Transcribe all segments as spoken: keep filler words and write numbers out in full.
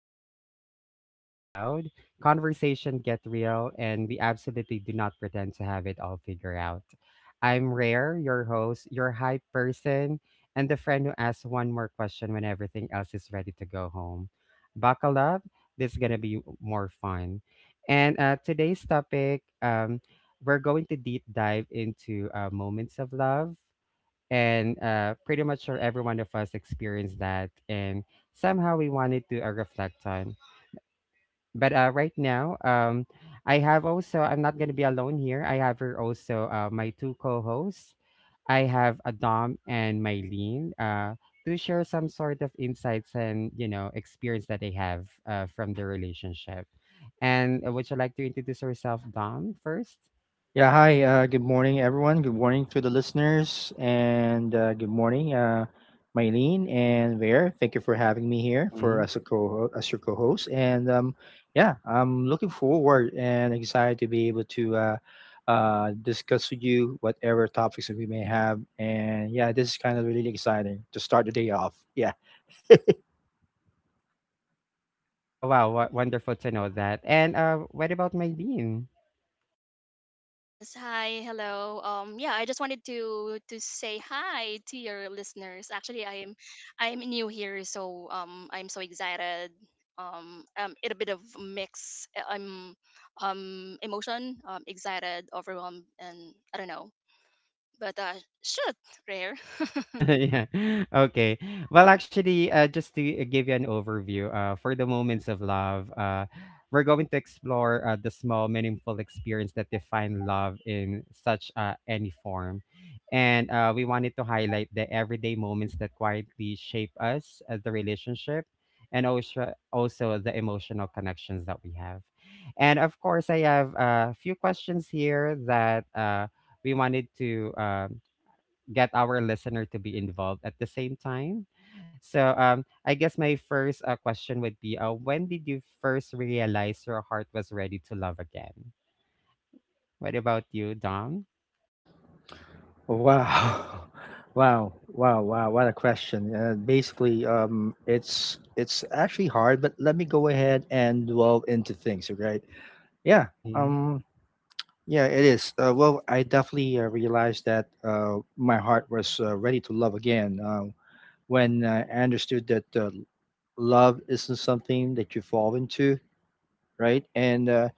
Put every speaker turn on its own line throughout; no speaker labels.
where curiosity gets loud, conversation gets real, and we absolutely do not pretend to have it all figured out. I'm Rare, your host, your hype person, and the friend who asks one more question when everything else is ready to go home. Buckle up, this is going to be more fun. And uh, today's topic, um, we're going to deep dive into uh, moments of love and uh, pretty much sure every one of us experienced that, and somehow we wanted to uh, reflect on. But uh, right now, um, I have also, I'm not going to be alone here. I have here also uh, my two co-hosts. I have Adam and Mylene, uh, to share some sort of insights and you know experience that they have uh, from their relationship. And uh, would you like to introduce yourself, Dom, first?
Yeah, hi. Uh, good morning, everyone. Good morning to the listeners, and uh, good morning, uh, Mylene and Vare. Thank you for having me here for
Mm-hmm.
as a co as your co-host. And um, yeah, I'm looking forward and excited to be able to uh, uh, discuss with you whatever topics that we may have. And yeah, this is kind of really exciting to start the day off. Yeah.
Oh wow, wo- wonderful to know that. And uh, what about Mylene?
Yes, hi, hello. Um, yeah, I just wanted to to say hi to your listeners. Actually, I'm I'm new here, so um, I'm so excited. Um, um, it a bit of mix. Uh, Um, um, emotion. Um, excited, overwhelmed, and I don't know. But uh, shit, rare.
Yeah. Okay. Well, actually, uh, just to uh, give you an overview, uh, for the moments of love, uh, we're going to explore uh, the small, meaningful experience that define love in such uh, any form. And uh, we wanted to highlight the everyday moments that quietly shape us, uh, the relationship, and also, also the emotional connections that we have. And of course, I have a few questions here that uh, we wanted to. Um, get our listener to be involved at the same time. So um, I guess my first uh, question would be, uh, when did you first realize your heart was ready to love again? What about you, Dom?
Wow. Wow, wow, wow, what a question. Uh, basically, um, it's it's actually hard, but let me go ahead and delve into things, right? Yeah,
Mm,
um, yeah, it is. Uh, well, I definitely uh, realized that uh, my heart was uh, ready to love again uh, when uh, I understood that uh, love isn't something that you fall into, right? And uh,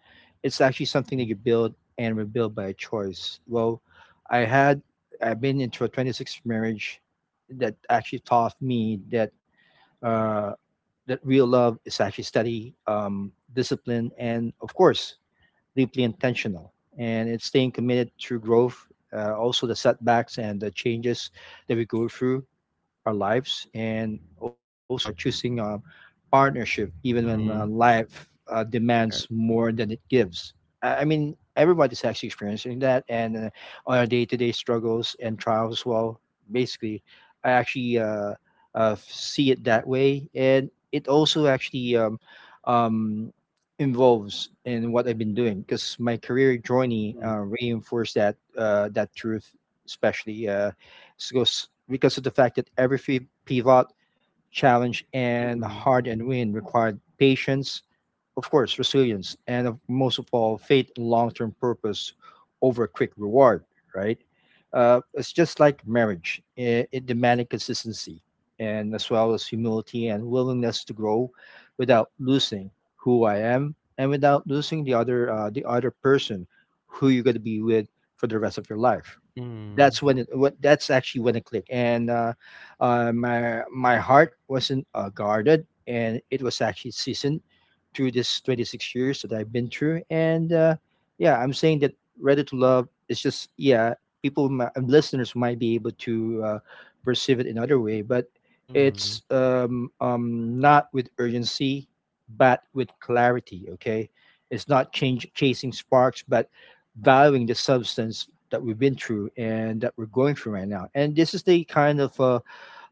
it's actually something that
mm,
you build and rebuild by choice. Well, I had I've been into a twenty-six marriage that actually taught me that uh, that real love is actually steady, um, discipline, and of course, deeply intentional. And it's staying committed through growth, uh, also the setbacks and the changes that we go through our lives, and also uh, choosing a partnership even when uh,
mm,
life uh, demands
er,
more than it gives. I, I mean, everybody's actually experiencing that, and uh, on our day to day struggles and trials. Well, basically, I actually uh, uh, see it that way. And it also actually um, um, involves in what I've been doing, because my career journey
mm,
uh, reinforced that uh, that truth, especially. Uh, because because of the fact that every free pivot, challenge, and
mm,
hard and win required patience, of course, resilience, and of, most of all, faith and long term purpose over a quick reward, right? Uh, it's just like marriage, it, it demanded consistency, and as well as humility and willingness to grow without losing who I am, and without losing the other uh, the other person who you're going to be with for the rest of your life.
mm,
That's when it what that's actually when it clicked, and uh, uh my my heart wasn't uh, guarded. And it was actually seasoned through this twenty-six years that I've been through, and uh yeah, I'm saying that ready to love is just, yeah, people mi- uh, listeners might be able to uh, perceive it another way, but
mm,
it's, um um not with urgency but with clarity. Okay, it's not change chasing sparks, but valuing the substance that we've been through and that we're going through right now. And this is the kind of uh,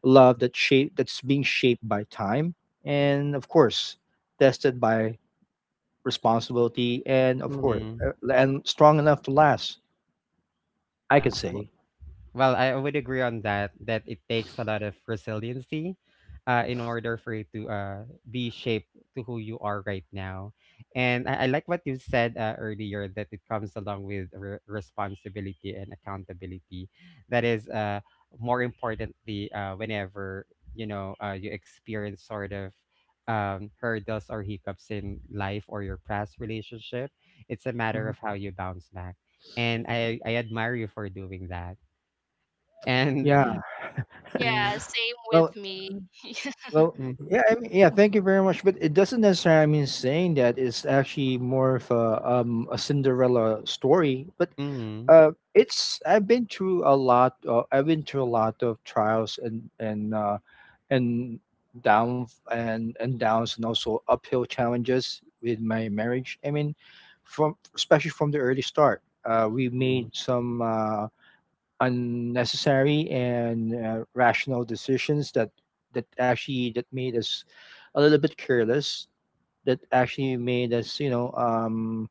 love that shape that's being shaped by time and of course tested by responsibility, and of course,
mm.
uh, and strong enough to last. I
Yeah.
can say.
Well, I would agree on that, that it takes a lot of resiliency, uh, in order for you to uh, be shaped to who you are right now. And I, I like what you said uh, earlier, that it comes along with re- responsibility and accountability. That is, uh, more importantly, uh, whenever you know uh, you experience sort of um, hurdles or hiccups in life or your past relationship, it's a matter
Mhm.
of how you bounce back. And I, I admire you for doing that, and
Yeah.
Yeah,
mm,
same with
Well,
me.
well,
mhm,
yeah, I mean, yeah. Thank you very much. But it doesn't necessarily mean saying that it's actually more of a um a Cinderella story. But
mhm,
uh, it's I've been through a lot. Uh, I've been through a lot of trials and and uh, and down and and downs, and also uphill challenges with my marriage. I mean, from especially from the early start, uh, we made
mhm,
some uh, unnecessary and uh, rational decisions that that actually that made us a little bit careless, that actually made us, you know, um,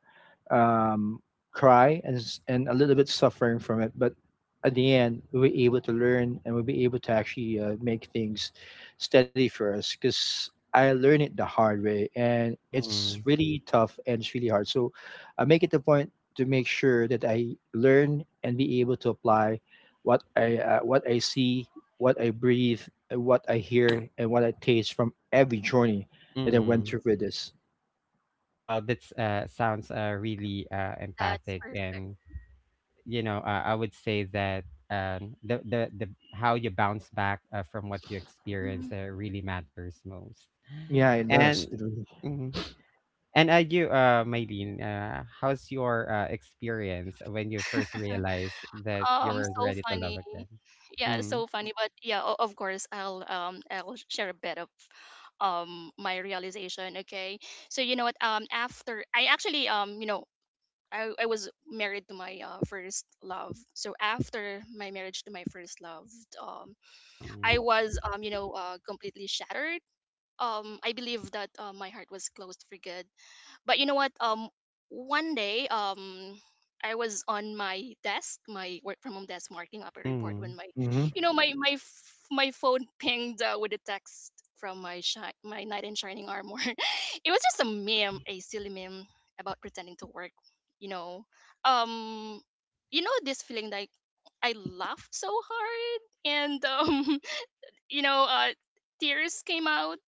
um, cry, and s- and a little bit suffering from it. But at the end, we were able to learn, and we'll be able to actually uh, make things steady for us, because I learned it the hard way, and it's
mhm,
really tough and it's really hard. So I make it the point to make sure that I learn and be able to apply what I uh, what I see, what I breathe, and what I hear, and what I taste from every journey that I went
mhm.
through with this.
Well, that's uh sounds uh really uh
That's
empathic,
perfect.
and you know, uh, I would say that um the the, the how you bounce back uh, from what you experience
Mm.
uh, really matters most.
Yeah, it
And
does. It really.
mhm. And uh, you, uh, Maylene, uh, how's your uh, experience when you first realized that you
Um,
were
so
ready to love
funny.
again?
Yeah,
Mm.
so funny. But yeah, o- of course, I'll um I'll share a bit of um my realization. Okay, so you know what? Um, after I actually um you know, I I was married to my uh, first love. So after my marriage to my first love, um, I
Mm.
was um you know, uh completely shattered. Um, I believe that uh, my heart was closed for good, but you know what, um one day, um I was on my desk, my work from home desk, marking up a report,
Mm.
when my
Hmm.
you know my my f- my phone pinged uh, with a text from my shi- my knight in shining armor. It was just a meme, a silly meme about pretending to work, you know, um you know, this feeling like I laughed so hard. And um you know, uh tears came out.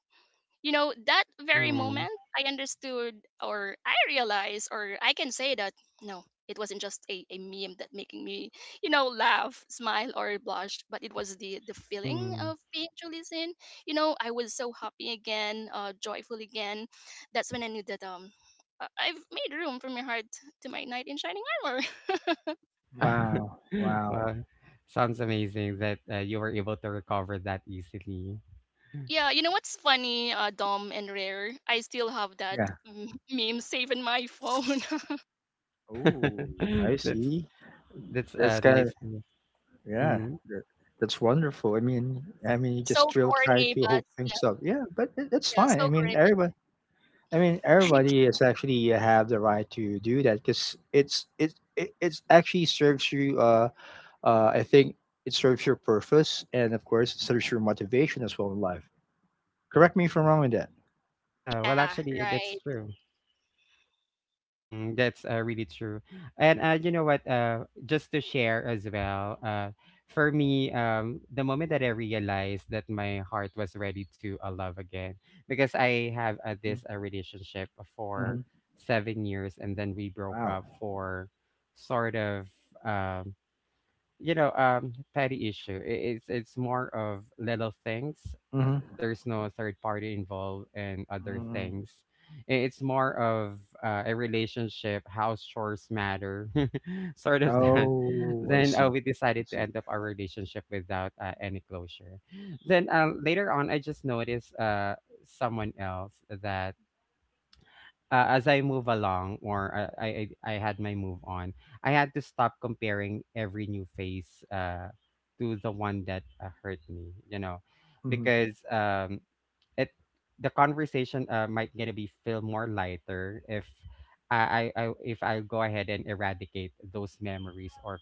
You know, that very
Mm,
moment I understood, or I realized, or I can say that no, it wasn't just a, a meme that making me, you know, laugh, smile, or blush, but it was the the feeling
mm.
of being truly seen. You know, I was so happy again, uh joyful again. That's when I knew that um uh, I've made room from my heart to my knight in shining armor.
Wow. Wow.
Well, sounds amazing that uh, you were able to recover that easily.
Yeah, you know what's funny, uh, Dumb and Rare? I still have that
Yeah.
mm, meme saved in my phone.
Oh, I
That's
see.
that's
That's
uh,
kind
nice
of,
to.
yeah.
Mm.
That, that's wonderful. I mean, I mean, you just
So
still try
corny,
to
but
hook things up. Yeah, but tha- that's
yeah,
fine. I
so
mean,
Korean.
everybody. I mean, everybody is actually uh, have the right to do that, because it's it, it it's actually serves you. Uh, uh, I think it serves your purpose, and of course it serves your motivation as well in life. Correct me if I'm wrong on that.
Yeah, well,
Yeah,
actually, it- it's
right.
true. Mm, that's uh, really true. And uh, you know what? Uh, just to share as well, uh, for me, um, the moment that I realized that my heart was ready to uh, love again, because I have uh,
Mhm,
this uh, relationship for
mhm.
seven years, and then we broke
Wow.
up for sort of, um, you know, um, petty issue. I- It's it's more of little things.
Mhm.
There's no third party involved and other
Mm.
things. I- It's more of uh, a relationship, house chores matter, sort of that.
Oh, I
Then uh,
see.
we
I
decided to
see.
end up our relationship without uh, any closure. Then uh, later on, I just noticed uh, someone else that uh, as I move along, or uh, I, I I had my move on. I had to stop comparing every new face uh to the one that uh, hurt me, you know,
Mhm.
because um it, the conversation uh, might gonna be feel more lighter if I, I I if I go ahead and eradicate those memories or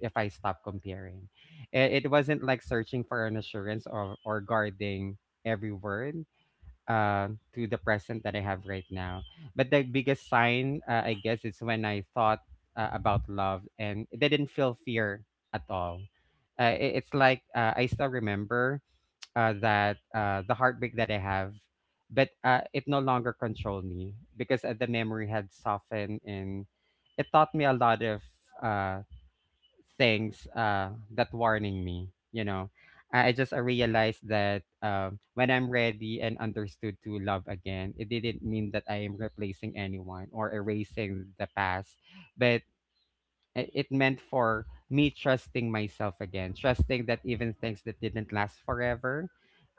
if I stop comparing. It, it wasn't like searching for an assurance or or guarding every word uh, to the present that I have right now. But the biggest sign, uh, I guess, is when I thought uh, about love and it didn't feel fear at all. Uh, it, it's like uh, I still remember uh, that uh, the heartbreak that I have, but uh, it no longer controlled me, because uh, the memory had softened and it taught me a lot of uh, things uh, that warning me. You know, I I just I realized that um, when I'm ready and understood to love again, it didn't mean that I am replacing anyone or erasing the past, but i- it meant for me trusting myself again, trusting that even things that didn't last forever,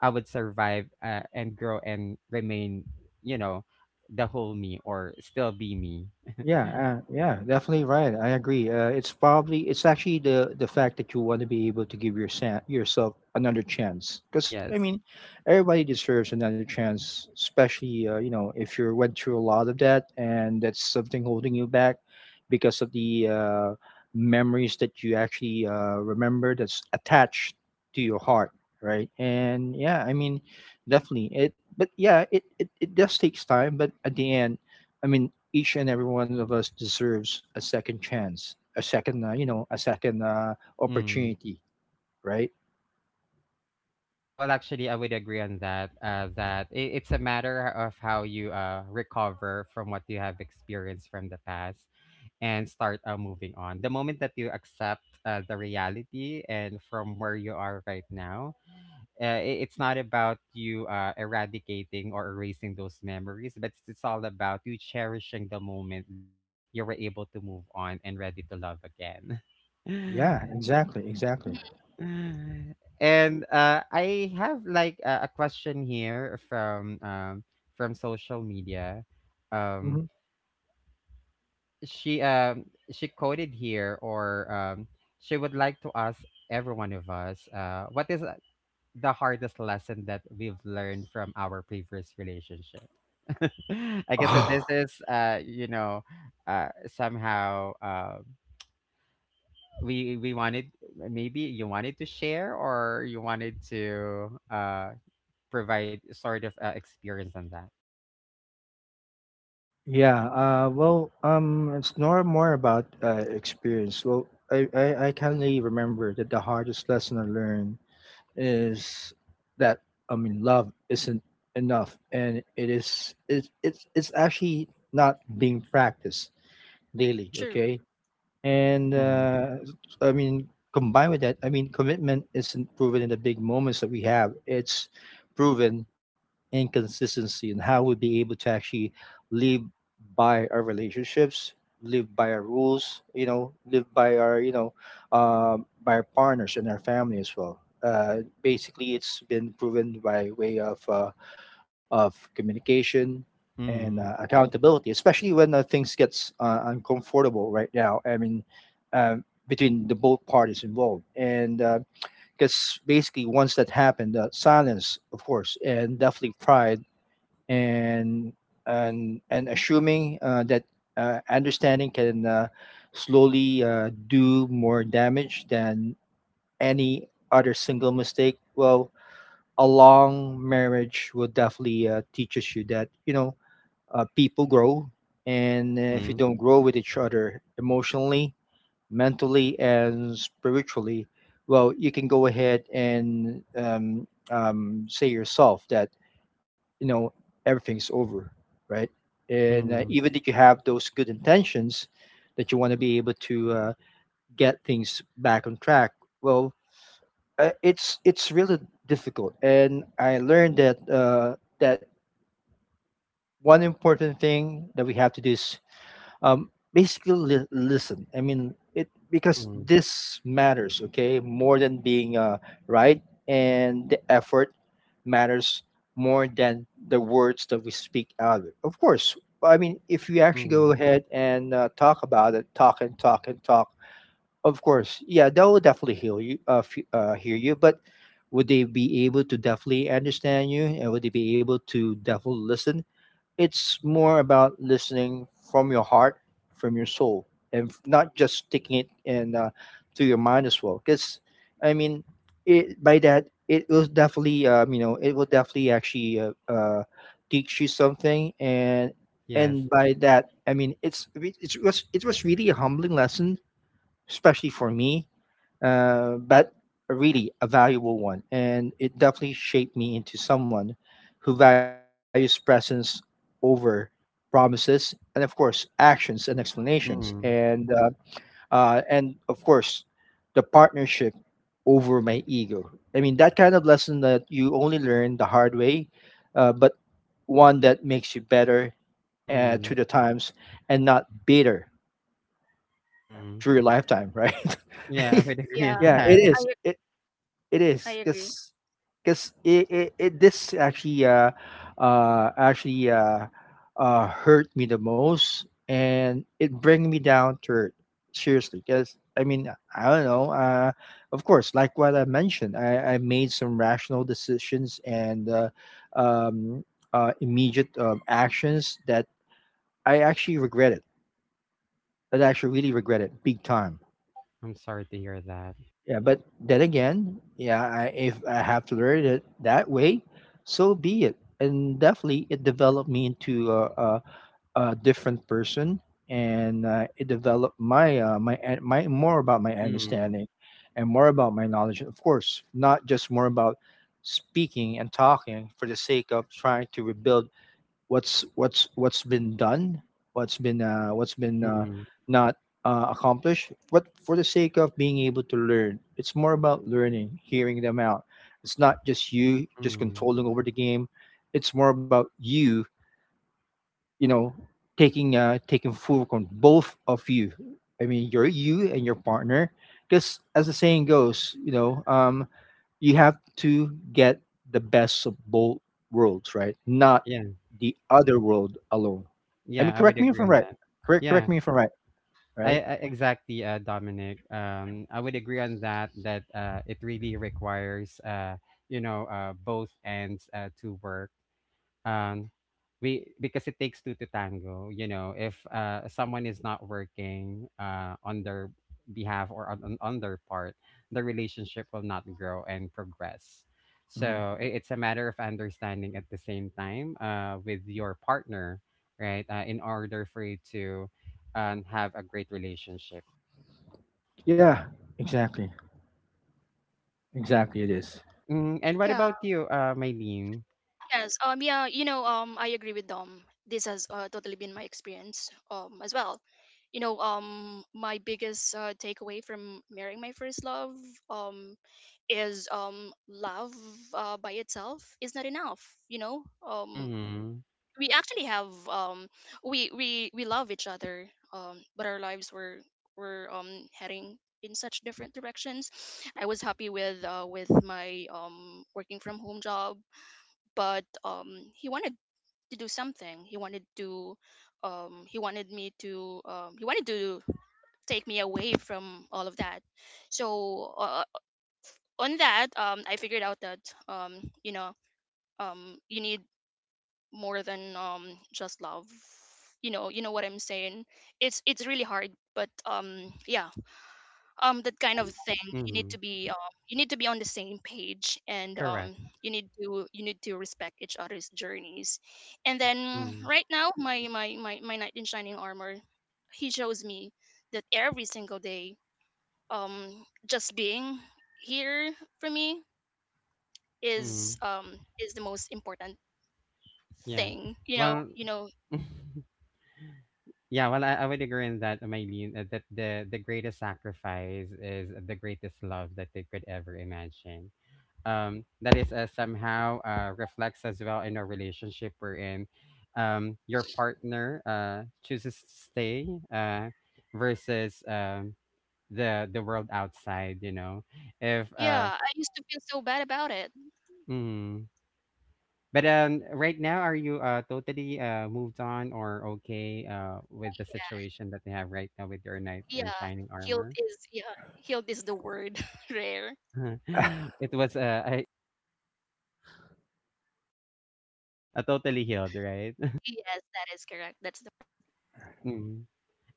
I would survive, uh, and grow and remain, you know, the whole me, or still be me.
Yeah, uh, yeah, definitely right. I agree. Uh, it's probably it's actually the the fact that you want to be able to give your sa- yourself another chance. Because I
Yes.
mean, everybody deserves another chance, especially uh, you know if you went through a lot of that, and that's something holding you back because of the uh, memories that you actually uh, remember, that's attached to your heart, right? And yeah, I mean, definitely it. But yeah, it it, it does takes time. But at the end, I mean, each and every one of us deserves a second chance, a second, uh, you know, a second uh,
Mm.
opportunity, right?
Yeah, well, actually, I would agree on that. Uh, that it, it's a matter of how you uh, recover from what you have experienced from the past, and start uh, moving on. The moment that you accept uh, the reality and from where you are right now, uh, it, it's not about you uh, eradicating or erasing those memories, but it's, it's all about you cherishing the moment that you were able to move on and ready to love again.
Yeah, exactly, exactly.
Mhm.
Uh, and uh, I have like a, a question here from um, from social media. Um,
Mhm.
she um, she quoted here, or um, she would like to ask every one of us, uh, what is uh, the hardest lesson that we've learned from our previous relationship? I guess that this
Oh,
is, uh, you know, uh, somehow uh, we we wanted, maybe you wanted to share, or you wanted to uh, provide sort of uh, experience on that.
yeah. Uh, well, um, it's more more about uh, experience. Well, I, I I kindly remember that the hardest lesson I learned is that, I mean, love isn't enough, and it is it, it's it's actually not being practiced daily.
True.
Okay, and
Mm.
uh, I mean, combined with that, I mean, commitment isn't proven in the big moments that we have. It's proven in consistency, and how we'll be able to actually live by our relationships, live by our rules, you know, live by our, you know, um by our partners and our family as well. Uh, basically, it's been proven by way of uh, of communication and uh,
Mm.
accountability, especially when uh, things gets uh, uncomfortable right now. I mean, um, between the both parties involved, and because basically once that happened, uh, silence, of course, and definitely pride, and and and assuming uh, that uh, understanding can uh, slowly uh, do more damage than any other single mistake. Well, a long marriage will definitely uh, teaches you that, you know uh, people grow, and uh, if you
Mm.
don't grow with each other emotionally, mentally, and spiritually, well, you can go ahead and um, um, say yourself that, you know everything's over, right? And uh,
Mm.
even if you have those good intentions, that you want to be able to uh, get things back on track, well, uh, it's it's really difficult. And I learned that, uh, that one important thing that we have to do is, um, basically, li- listen. I mean it, because
Mm.
this matters, okay, more than being uh, right. And the effort matters more than the words that we speak out of it. Of course, I mean, if you actually go
Mm.
ahead and uh, talk about it, talk and talk and talk, of course, yeah, they will definitely hear you, uh, f- uh, hear you. But would they be able to definitely understand you, and would they be able to definitely listen? It's more about listening from your heart, from your soul, and f- not just sticking it in, uh, to your mind as well. Because I mean, it, by that it will definitely um, you know it will definitely actually uh, uh, teach you something. and
Yes.
and by that I mean, it's it was it was really a humbling lesson, especially for me, uh, but really a valuable one. And it definitely shaped me into someone who values presence over promises, and of course actions and explanations,
Mm.
and uh, uh, and of course the partnership over my ego. I mean, that kind of lesson that you only learn the hard way, uh, but one that makes you better uh,
Mm.
through the times, and not bitter
Mm.
through your lifetime, right?
Yeah, I would agree
Yeah,
on
Yeah,
that.
it
I
is. It it
I
is,
agree.
because because it, it, it this actually uh uh actually uh uh hurt me the most, and it bring me down to earth, seriously. Because I mean, I don't know, uh of course, like what I mentioned, I I made some rational decisions, and uh, um uh immediate, um, actions that I actually regretted, that I actually really regretted, big time.
I'm sorry to hear that.
Yeah, but then again, yeah, I, if I have to learn it that way, so be it. And definitely, it developed me into a, a, a different person, and uh, it developed my uh, my an- my more about my
Mm.
understanding, and more about my knowledge. Of course, not just more about speaking and talking for the sake of trying to rebuild what's what's what's been done, what's been uh, what's been uh,
Mm.
not uh, accomplished, but for the sake of being able to learn. It's more about learning, hearing them out. It's not just you just
Mm.
controlling over the game. It's more about you, you know, taking uh, taking full control, both of you. I mean, you're you and your partner. Because as the saying goes, you know, um, you have to get the best of both worlds, right? Not
Yeah.
the other world alone. I mean,
Yeah, I
correct
would
me if I'm
agree on
right.
that.
Correct, correct
Yeah.
me if I'm right.
I,
Right?
I exactly, uh Dominic. Um I would agree on that, that uh it really requires uh you know uh both ends uh to work. um we, because it takes two to tango, you know, if uh someone is not working uh on their behalf, or on, on on their part, the relationship will not grow and progress.
Mhm.
So i- it's a matter of understanding at the same time uh with your partner, right? Uh, in order for you to um, have a great relationship.
Yeah, exactly, exactly. It is.
Mm, and what
Yeah.
about you, uh Maylene?
Yes. Um, yeah. You know, Um. I agree with Dom. This has uh, totally been my experience, Um. as well. You know, Um. my biggest uh, takeaway from marrying my first love, Um. is um. love, Uh, by itself, is not enough. You know, Um.
Mm-hmm.
we actually have, um we we we love each other, um but our lives were were um heading in such different directions. I was happy with uh with my um working from home job, but um he wanted to do something, he wanted to um he wanted me to um he wanted to take me away from all of that. So uh, on that, um I figured out that, um you know, um you need more than um just love. You know, you know what I'm saying? it's it's really hard, but um yeah, um that kind of thing. You need
Mm-hmm.
to be um you need to be on the same page, and um
Correct.
you need to, you need to respect each other's journeys. And then
Mm-hmm.
right now my my my, my knight in shining armor, he shows me that every single day, um just being here for me is
Mm-hmm.
um is the most important
yeah
thing, you know,
well
you know.
Yeah, well, I, I would agree in that, Maylene, uh, that the, the greatest sacrifice is the greatest love that they could ever imagine. Um, that is uh, somehow uh, reflects as well in a relationship, wherein um, your partner uh, chooses to stay, uh, versus um, the the world outside. You know, if uh,
Yeah, I used to feel so bad about it.
hmm. But um, right now, are you uh totally uh moved on, or okay uh with the situation that they have right now with your knight
Yeah,
in
yeah.
shining
Healed
armor?
is, yeah, healed is the word, Rare.
It was uh I, a totally healed, right?
Yes, that is correct. That's the word.
Mm.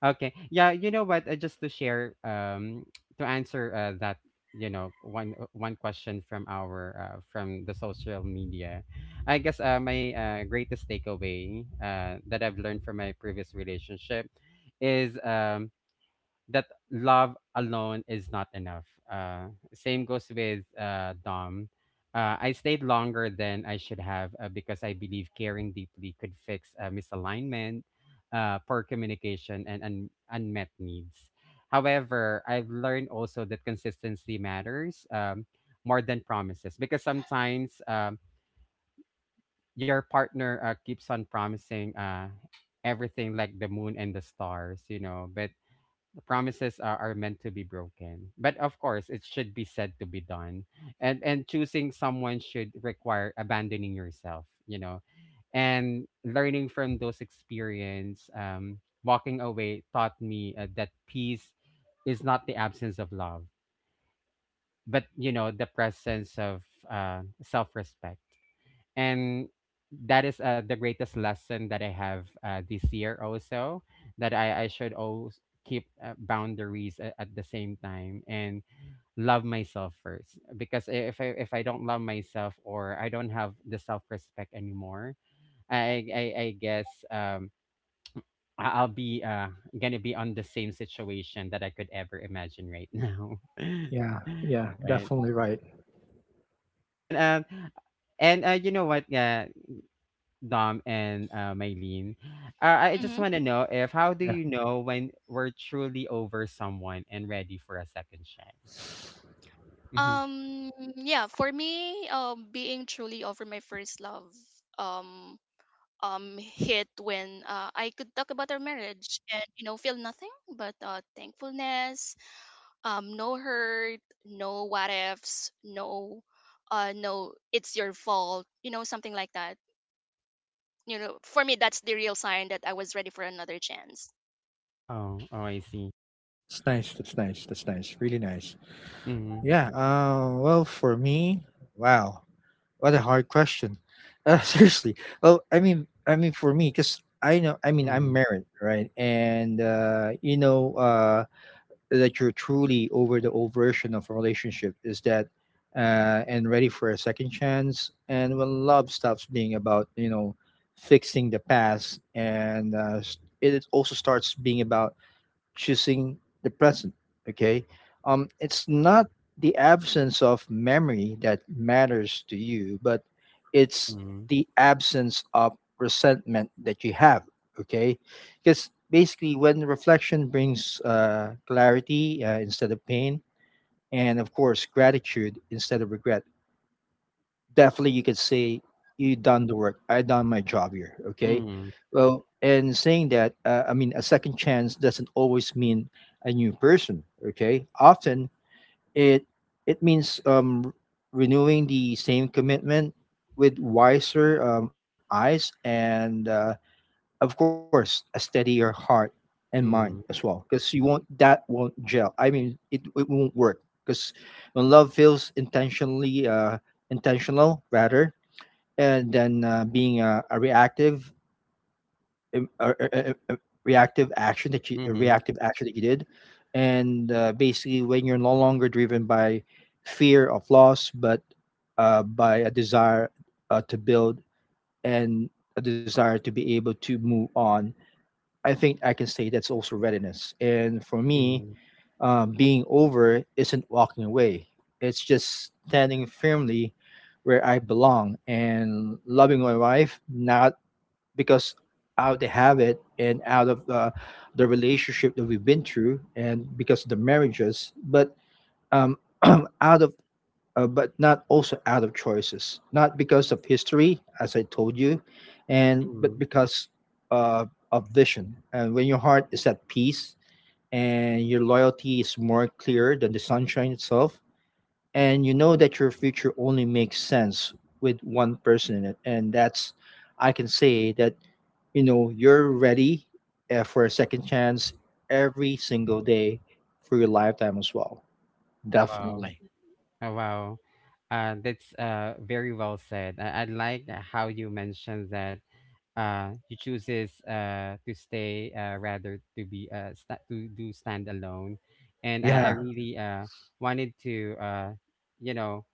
Okay. Yeah, you know what? Uh, just to share, um, to answer uh, that, you know, one uh, one question from our, uh, from the social media, I guess uh, my uh, greatest takeaway uh, that I've learned from my previous relationship is um, that love alone is not enough. Uh, Same goes with uh, Dom. Uh, I stayed longer than I should have, uh, because I believe caring deeply could fix uh, misalignment, uh, poor communication, and un- unmet needs. However, I've learned also that consistency matters um, more than promises, because sometimes um, your partner uh, keeps on promising uh, everything like the moon and the stars, you know, but promises are, are meant to be broken, but of course it should be said to be done. And and choosing someone should require abandoning yourself, you know, and learning from those experience, um walking away taught me uh, that peace is not the absence of love, but you know the presence of uh, self-respect. And that is uh, the greatest lesson that I have uh, this year also, that I, I should always keep uh, boundaries at, at the same time, and love myself first. Because if I if I don't love myself, or I don't have the self respect anymore, I, I I guess um I- I'll be uh gonna be on the same situation that I could ever imagine right now.
Yeah, yeah,
Right.
definitely right.
And um and uh, you know what? Uh, Dom and uh, Mylene. Uh, I just
Hmm.
want to know, if how do
Yeah,
you know when we're truly over someone and ready for a second chance? Hmm.
Um, yeah, for me, um, being truly over my first love, um, um, hit when uh, I could talk about our marriage and you know, feel nothing but uh, thankfulness, um, no hurt, no what ifs, no, uh, no, it's your fault, you know, something like that. You know, for me, that's the real sign that I was ready for another chance.
Oh, oh, I see.
it's nice. That's nice. That's nice. Really nice.
Mm-hmm.
Yeah. Uh, well, for me, wow. What a hard question. Uh, seriously. Well, I mean, I mean for me, because I know, I mean, I'm
Mm-hmm.
married, right? And uh, you know uh, that you're truly over the old version of a relationship is that, uh, and ready for a second chance. And when love stops being about, you know, fixing the past, and uh, s- it also starts being about choosing the present. Okay. Um, it's not the absence of memory that matters to you, but it's the absence of resentment that you have. Okay. Because basically, when reflection brings uh, clarity uh, instead of pain, and of course, gratitude instead of regret, definitely you could say you done the work, I done my job here. Okay.
Mm-hmm.
Well, and saying that uh, I mean a second chance doesn't always mean a new person. Okay, often it it means um renewing the same commitment with wiser um, eyes and uh, of course a steadier heart and mind as
Mm-hmm.
well, because you won't, that won't gel. I mean it, it won't work because when love feels intentionally uh intentional rather, and then uh, being a, a reactive um, a, a- a- a reactive action that you a
Mm-hmm. Mm-hmm.
reactive action that you did. And uh, basically when you're no longer driven by fear of loss, but uh, by a desire uh, to build and a desire to be able to move on, I think I can say that's also readiness. And for me,
Mm-hmm.
um, being over isn't walking away, it's just standing firmly where I belong and loving my wife, not because out they have it and out of uh, the relationship that we've been through and because of the marriages, but um out of uh, but not also out of choices, not because of history, as I told you, and but
Mm-hmm.
because uh, of vision. And when your heart is at peace and your loyalty is more clear than the sunshine itself, and you know that your future only makes sense with one person in it, and that's, I can say that, you know, you're ready uh, for a second chance every single day for your lifetime as well.
Oh wow!
Definitely.
Oh wow! Uh, that's uh very well said. I, I like how you mentioned that uh he chooses uh to stay uh rather to be uh sta to do stand alone and uh, i
Yeah.
really uh wanted to, uh you know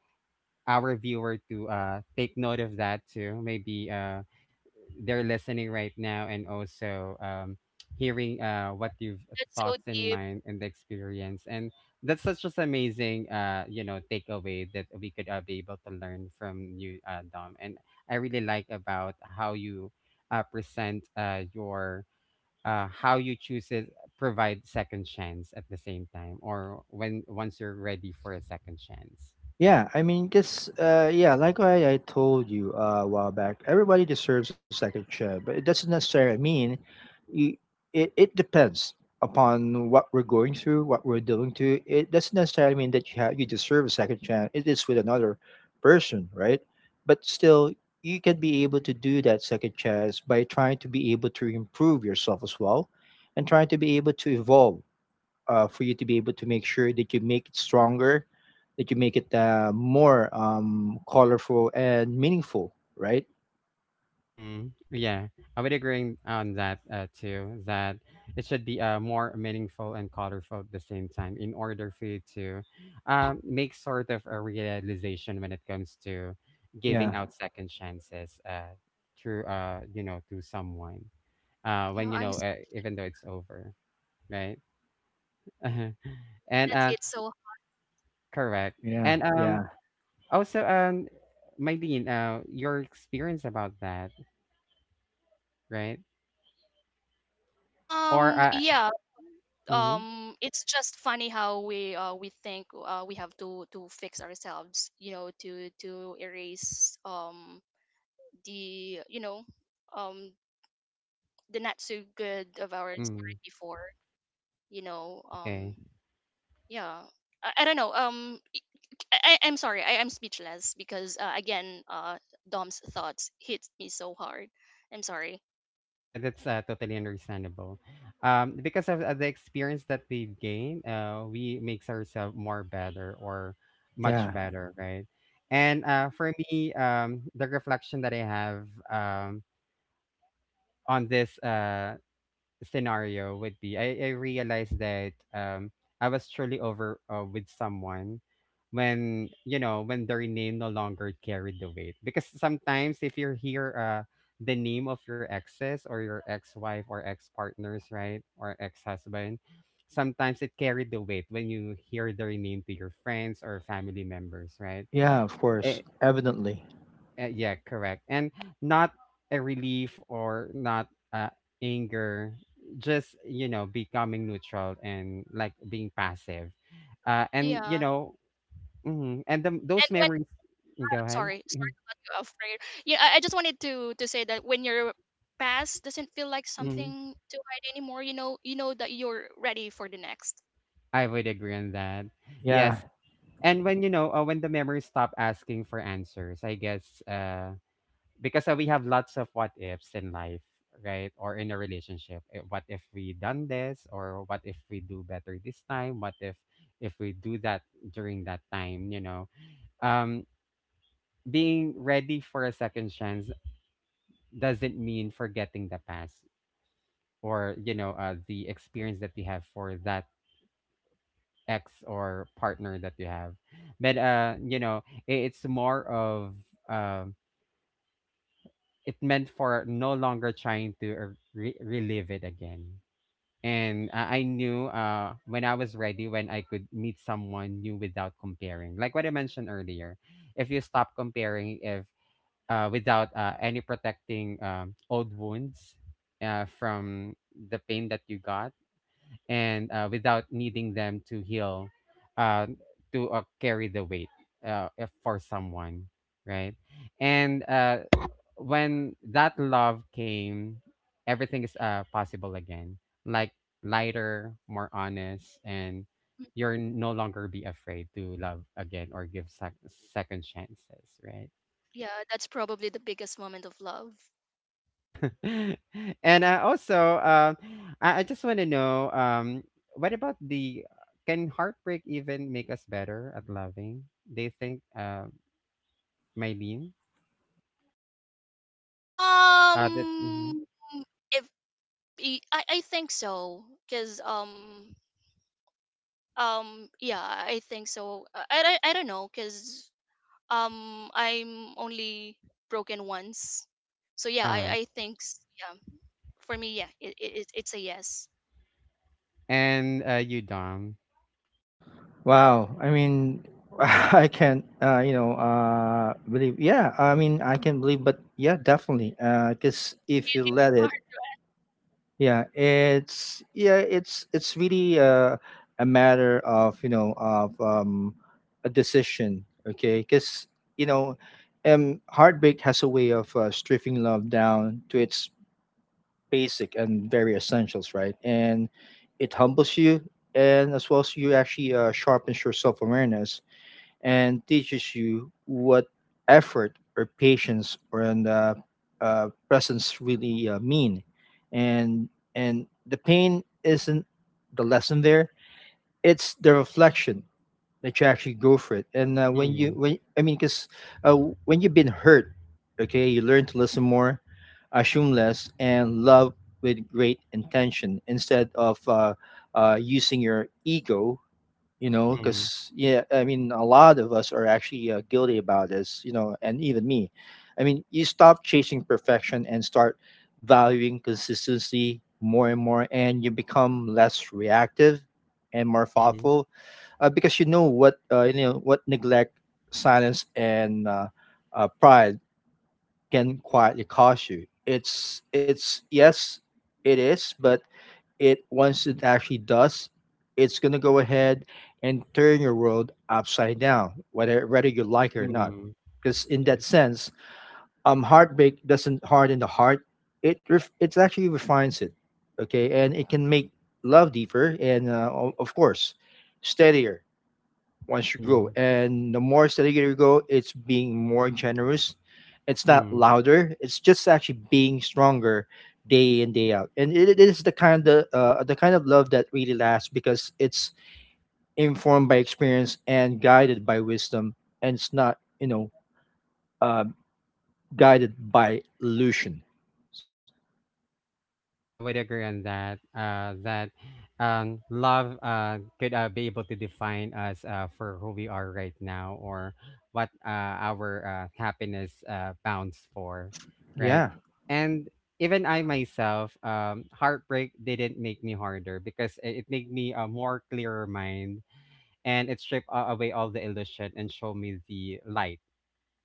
our viewer to uh take note of that too. Maybe uh they're listening right now and also um, hearing uh,
Uh,
what you've uh,
that's so
thoughts in
deep.
mind and the experience. And that's such just amazing, uh, you know, takeaway that we could uh, be able to learn from you, uh, Dom. And I really like about how you uh, present uh, your, uh, how you choose it, provide second chance at the same time, or when once you're ready for a second chance.
Yeah, I mean, because uh, yeah, like what I told you uh, a while back, everybody deserves a second chance, but it doesn't necessarily mean you, it. It depends upon what we're going through, what we're doing to. It doesn't necessarily mean that you have, you deserve a second chance. It is with another person, right? But still, you can be able to do that second chance by trying to be able to improve yourself as well, and trying to be able to evolve uh, for you to be able to make sure that you make it stronger, that you make it uh, more um, colorful and meaningful, right?
Mm, yeah, I would agree on that uh, too. That it should be uh, more meaningful and colorful at the same time, in order for you to um, make sort of a realization when it comes to giving
Yeah,
out second chances, uh, through, uh, you know, to someone, uh,
Yeah,
when you
I'm
know, uh,
speaking.
even though it's over, right? And
That
uh,
hit so.
correct.
yeah,
And um,
yeah,
also, um, Maylene, uh, your experience about that, right? Or
Um,
uh,
yeah.
mhm.
Um. It's just funny how we uh we think uh we have to to fix ourselves. You know, to to erase um the, you know, um the not so good of our story
Mm.
before. You know.
Uh,
Um.
Okay.
Yeah. I, I don't know. Um. I, I I'm sorry. I am speechless because uh, again, uh, Dom's thoughts hit me so hard. I'm sorry.
Yeah, that's uh, totally understandable. Um, because of uh, the experience that we've gained, uh, we makes ourselves more better or much
yeah,
better, right? And uh, for me, um, the reflection that I have um, on this uh, scenario would be, I, I realized that um I was truly over uh, with someone when, you know, when their name no longer carried the weight, because sometimes if you hear uh the name of your exes or your ex-wife or ex-partners, right, or ex-husband, sometimes it carried the weight when you hear their name to your friends or family members, right?
yeah. Of course,
Eh,
evidently.
uh, yeah, correct. And not a relief, or not uh, anger, just, you know, becoming neutral and like being passive. Uh, and, you
Yeah,
know, mhm, and the,
and
those
when
memories, mm, go
I'm
ahead.
sorry, sorry
Mhm,
to cut you off, Prayer. Yeah, I, I just wanted to to say that when your past doesn't feel like
mhm.
something to hide anymore, you know, you know that you're ready for the next.
I would agree on that.
Yeah.
Yes. And when, you know, uh, when the memories stop asking for answers, I guess, uh, because uh, we have lots of what ifs in life, right, or in a relationship. Eh, what if we done this, or what if we do better this time, what if if we do that during that time, you know, um, being ready for a second chance doesn't mean forgetting the past, or, you know, uh, the experience that you have for that ex or partner that you have. But uh you know, i- it's more of, um, it meant for no longer trying to, uh, re- relive it again. And I I knew uh, when I was ready, when I could meet someone new without comparing. Like what I mentioned earlier, if you stop comparing, if uh, without uh, any protecting um, old wounds uh, from the pain that you got, and uh, without needing them to heal, uh, to uh, carry the weight uh, if for someone, right? And uh, when that love came, everything is uh, possible again. Like, lighter, more honest, and
Mm,
you're no longer be afraid to love again or give sec- second chances, right?
yeah, that's probably the biggest moment of love.
Yeah. And I also, uh, I I just want to know, um, what about the can heartbreak even make us better at loving? Do you think, uh, Mylene? Uh, that, mhm.
Um, if I I think so, cause um um yeah, I think so. I I, I don't know, cause Um, I'm only broken once, so yeah, I
Uh,
I think s- yeah, for me, yeah, it, it it- it's a yes.
and uh, you, Dom.
Wow. I mean, I can't. Uh, you know, uh, believe. Yeah. I mean, I can believe, but yeah, definitely. Because if you let it,
Alright.
yeah, it's yeah, it's it's really a, a matter of, you know, of um, a decision, okay? Because, you know, um, heartbreak has a way of uh, stripping love down to its basic and very essentials, right? And it humbles you, and as well as you actually uh, sharpens your self awareness and teaches you what effort or patience or and, uh, uh, presence really uh, mean. And and the pain isn't the lesson there; it's the reflection that you actually go for it. And uh, when you,
Mm,
when I mean, because uh, when you've been hurt, okay, you learn to listen more, assume less, and love with great intention instead of uh, uh, using your ego, you know,
mm,
because yeah, I mean a lot of us are actually uh, guilty about this, you know, and even me, I mean you stop chasing perfection and start valuing consistency more and more, and you become less reactive and more
mm,
thoughtful uh, because you know what, uh, you know what neglect, silence and uh, uh, pride can quietly cost you. it's it's yes it is, but it once it actually does, it's gonna go ahead and turn your world upside down, whether whether you like it or not.
mm,
Because in that
mm,
sense, um, heartbreak doesn't harden the heart; it ref- it actually refines it. Okay, and it can make love deeper and, uh, o- of course, steadier once you grow.
mm,
And the more steady you go, it's being more generous. It's not
mm.
louder. It's just actually being stronger day in day out. And it, it is the kind of uh, the kind of love that really lasts because it's informed by experience and guided by wisdom, and it's not, you know, uh, guided by illusion.
Yeah, I would agree on that. Uh, that um, love uh, could uh, be able to define us uh, for who we are right now or what uh, our uh, happiness uh, bounds for, right?
Yeah,
And even I myself, um, heartbreak didn't make me harder, because it it made me a more clearer mind, and it stripped a- away all the illusion and showed me the light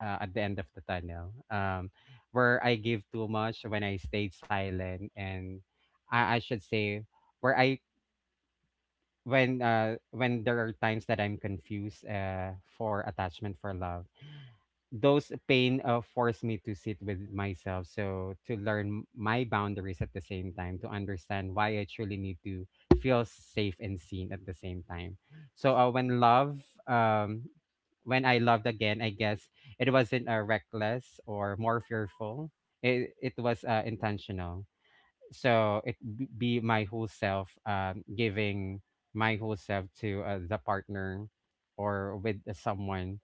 uh, at the end of the tunnel, um, where I give too much, when I stayed silent. And i, I should say, where i, when uh, when there are times that I'm confused uh, for attachment for love, those pain uh, forced me to sit with myself, so to learn my boundaries at the same time, to understand why I truly need to feel safe and seen at the same time. So uh, when love, um, when I loved again, I guess it wasn't uh, reckless or more fearful. It, it was uh, intentional. So it b- be my whole self, um, giving my whole self to uh, the partner or with someone.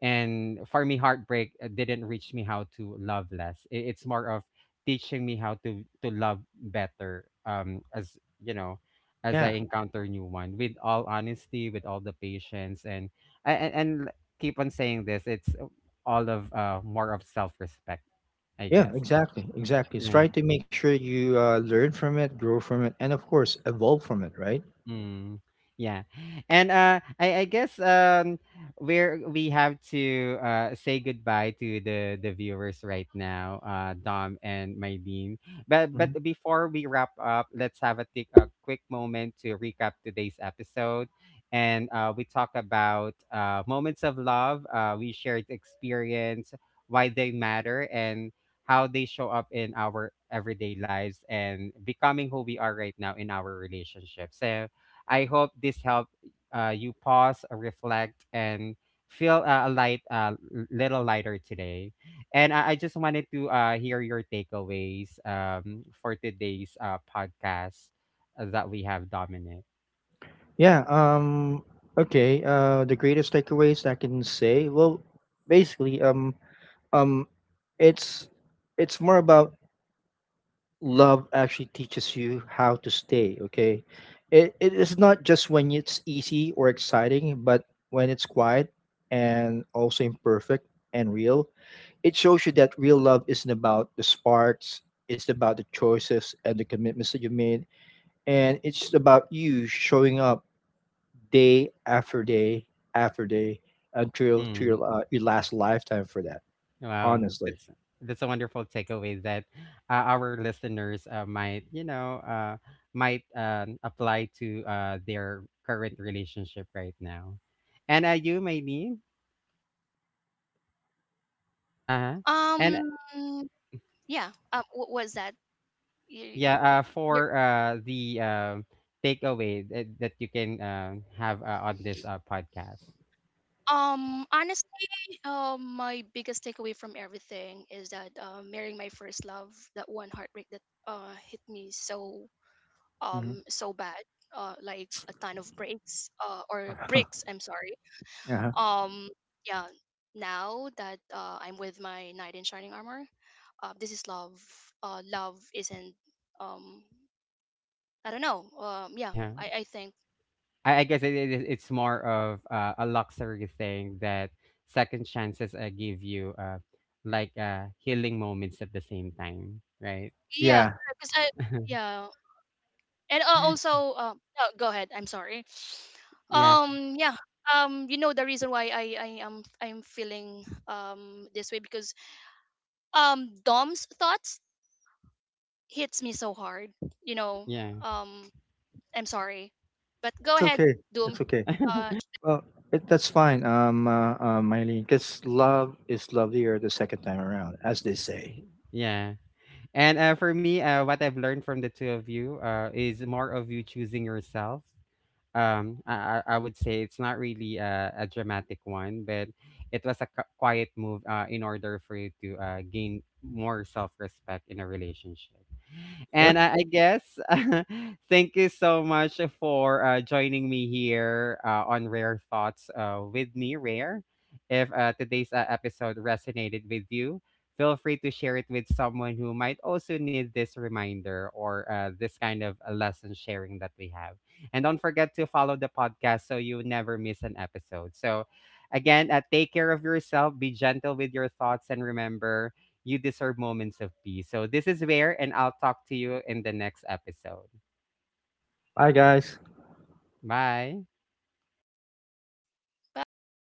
And for me, heartbreak uh, didn't reach me how to love less. I- it's more of teaching me how to to love better, um, as, you know, as I
yeah,
encounter new one with all honesty, with all the patience and and, and l- keep on saying this, it's uh, all of uh more of self-respect, I
yeah,
guess.
exactly, exactly. It's
Yeah.
try to make sure you uh, learn from it, grow from it, and of course, evolve from it, right?
Mm, yeah. And uh I, I guess um, we're we have to uh say goodbye to the the viewers right now, uh Dom and Mylene. But but before we wrap up, let's have a take a quick moment to recap today's episode. And uh we talk about uh moments of love, uh we shared experience, why they matter and how they show up in our everyday lives and becoming who we are right now in our relationship. So I hope this helped uh, you pause, uh, reflect, and feel uh, a light, uh, l- little lighter today. And I, I just wanted to uh, hear your takeaways um, for today's uh, podcast uh, that we have, Dominic.
Yeah, um okay, uh the greatest takeaways I can say, well, basically um um it's it's more about love actually teaches you how to stay, okay? It it is not just when it's easy or exciting, but when it's quiet and also imperfect and real. It shows you that real love isn't about the sparks, it's about the choices and the commitments that you made, and it's about you showing up day after day after day until to your,
Mm,
uh, your last lifetime for that.
wow,
Honestly.
that's that's a wonderful takeaway that uh, our listeners uh, might, you know, uh, might um, apply to uh, their current relationship right now. And uh, you, Maylene? Uh-huh. And
Um, yeah. Um, what was that? You,
yeah, uh,
you're,
for uh, the um, takeaway that, that you can um, have uh, on this uh, podcast.
um, honestly, um, my biggest takeaway from everything is that uh, marrying my first love, that one heartbreak that uh hit me so
Hmm.
um so bad, uh, like a ton of breaks, uh, or bricks. I'm sorry.
Yeah.
um yeah, now that uh, I'm with my knight in shining armor, uh, this is love. uh love isn't um I don't know. um yeah,
Yeah,
i i think.
I, I guess it, it, it's more of uh, a luxury thing that second chances uh, give you, uh, like uh, healing moments at the same time, right?
Yeah,
Yeah.
because I, yeah. And uh, also uh, no, go ahead, I'm sorry.
Yeah,
um yeah, um you know, the reason why i i am, I'm feeling um this way, because um Dom's thoughts hits me so hard, you know.
yeah,
um I'm sorry, but go
It's
ahead,
okay.
Doom.
It's okay.
Uh,
Well, it, that's fine, um, uh, uh, Mylene, because love is lovelier the second time around, as they say.
yeah. And uh, for me, uh, what I've learned from the two of you uh, is more of you choosing yourself, um, I, I I would say it's not really a, a dramatic one, but it was a qu- quiet move uh, in order for you to uh, gain more self-respect in a relationship. And
Yep.
I I guess, thank you so much for uh, joining me here uh, on Rare Thoughts uh, with me, Rare. If uh, today's uh, episode resonated with you, feel free to share it with someone who might also need this reminder, or uh, this kind of uh, lesson sharing that we have. And don't forget to follow the podcast so you never miss an episode. So, again, uh, take care of yourself, be gentle with your thoughts, and remember, you deserve moments of peace. So this is where, and I'll talk to you in the next episode.
Bye, guys.
Bye.
bye, everyone.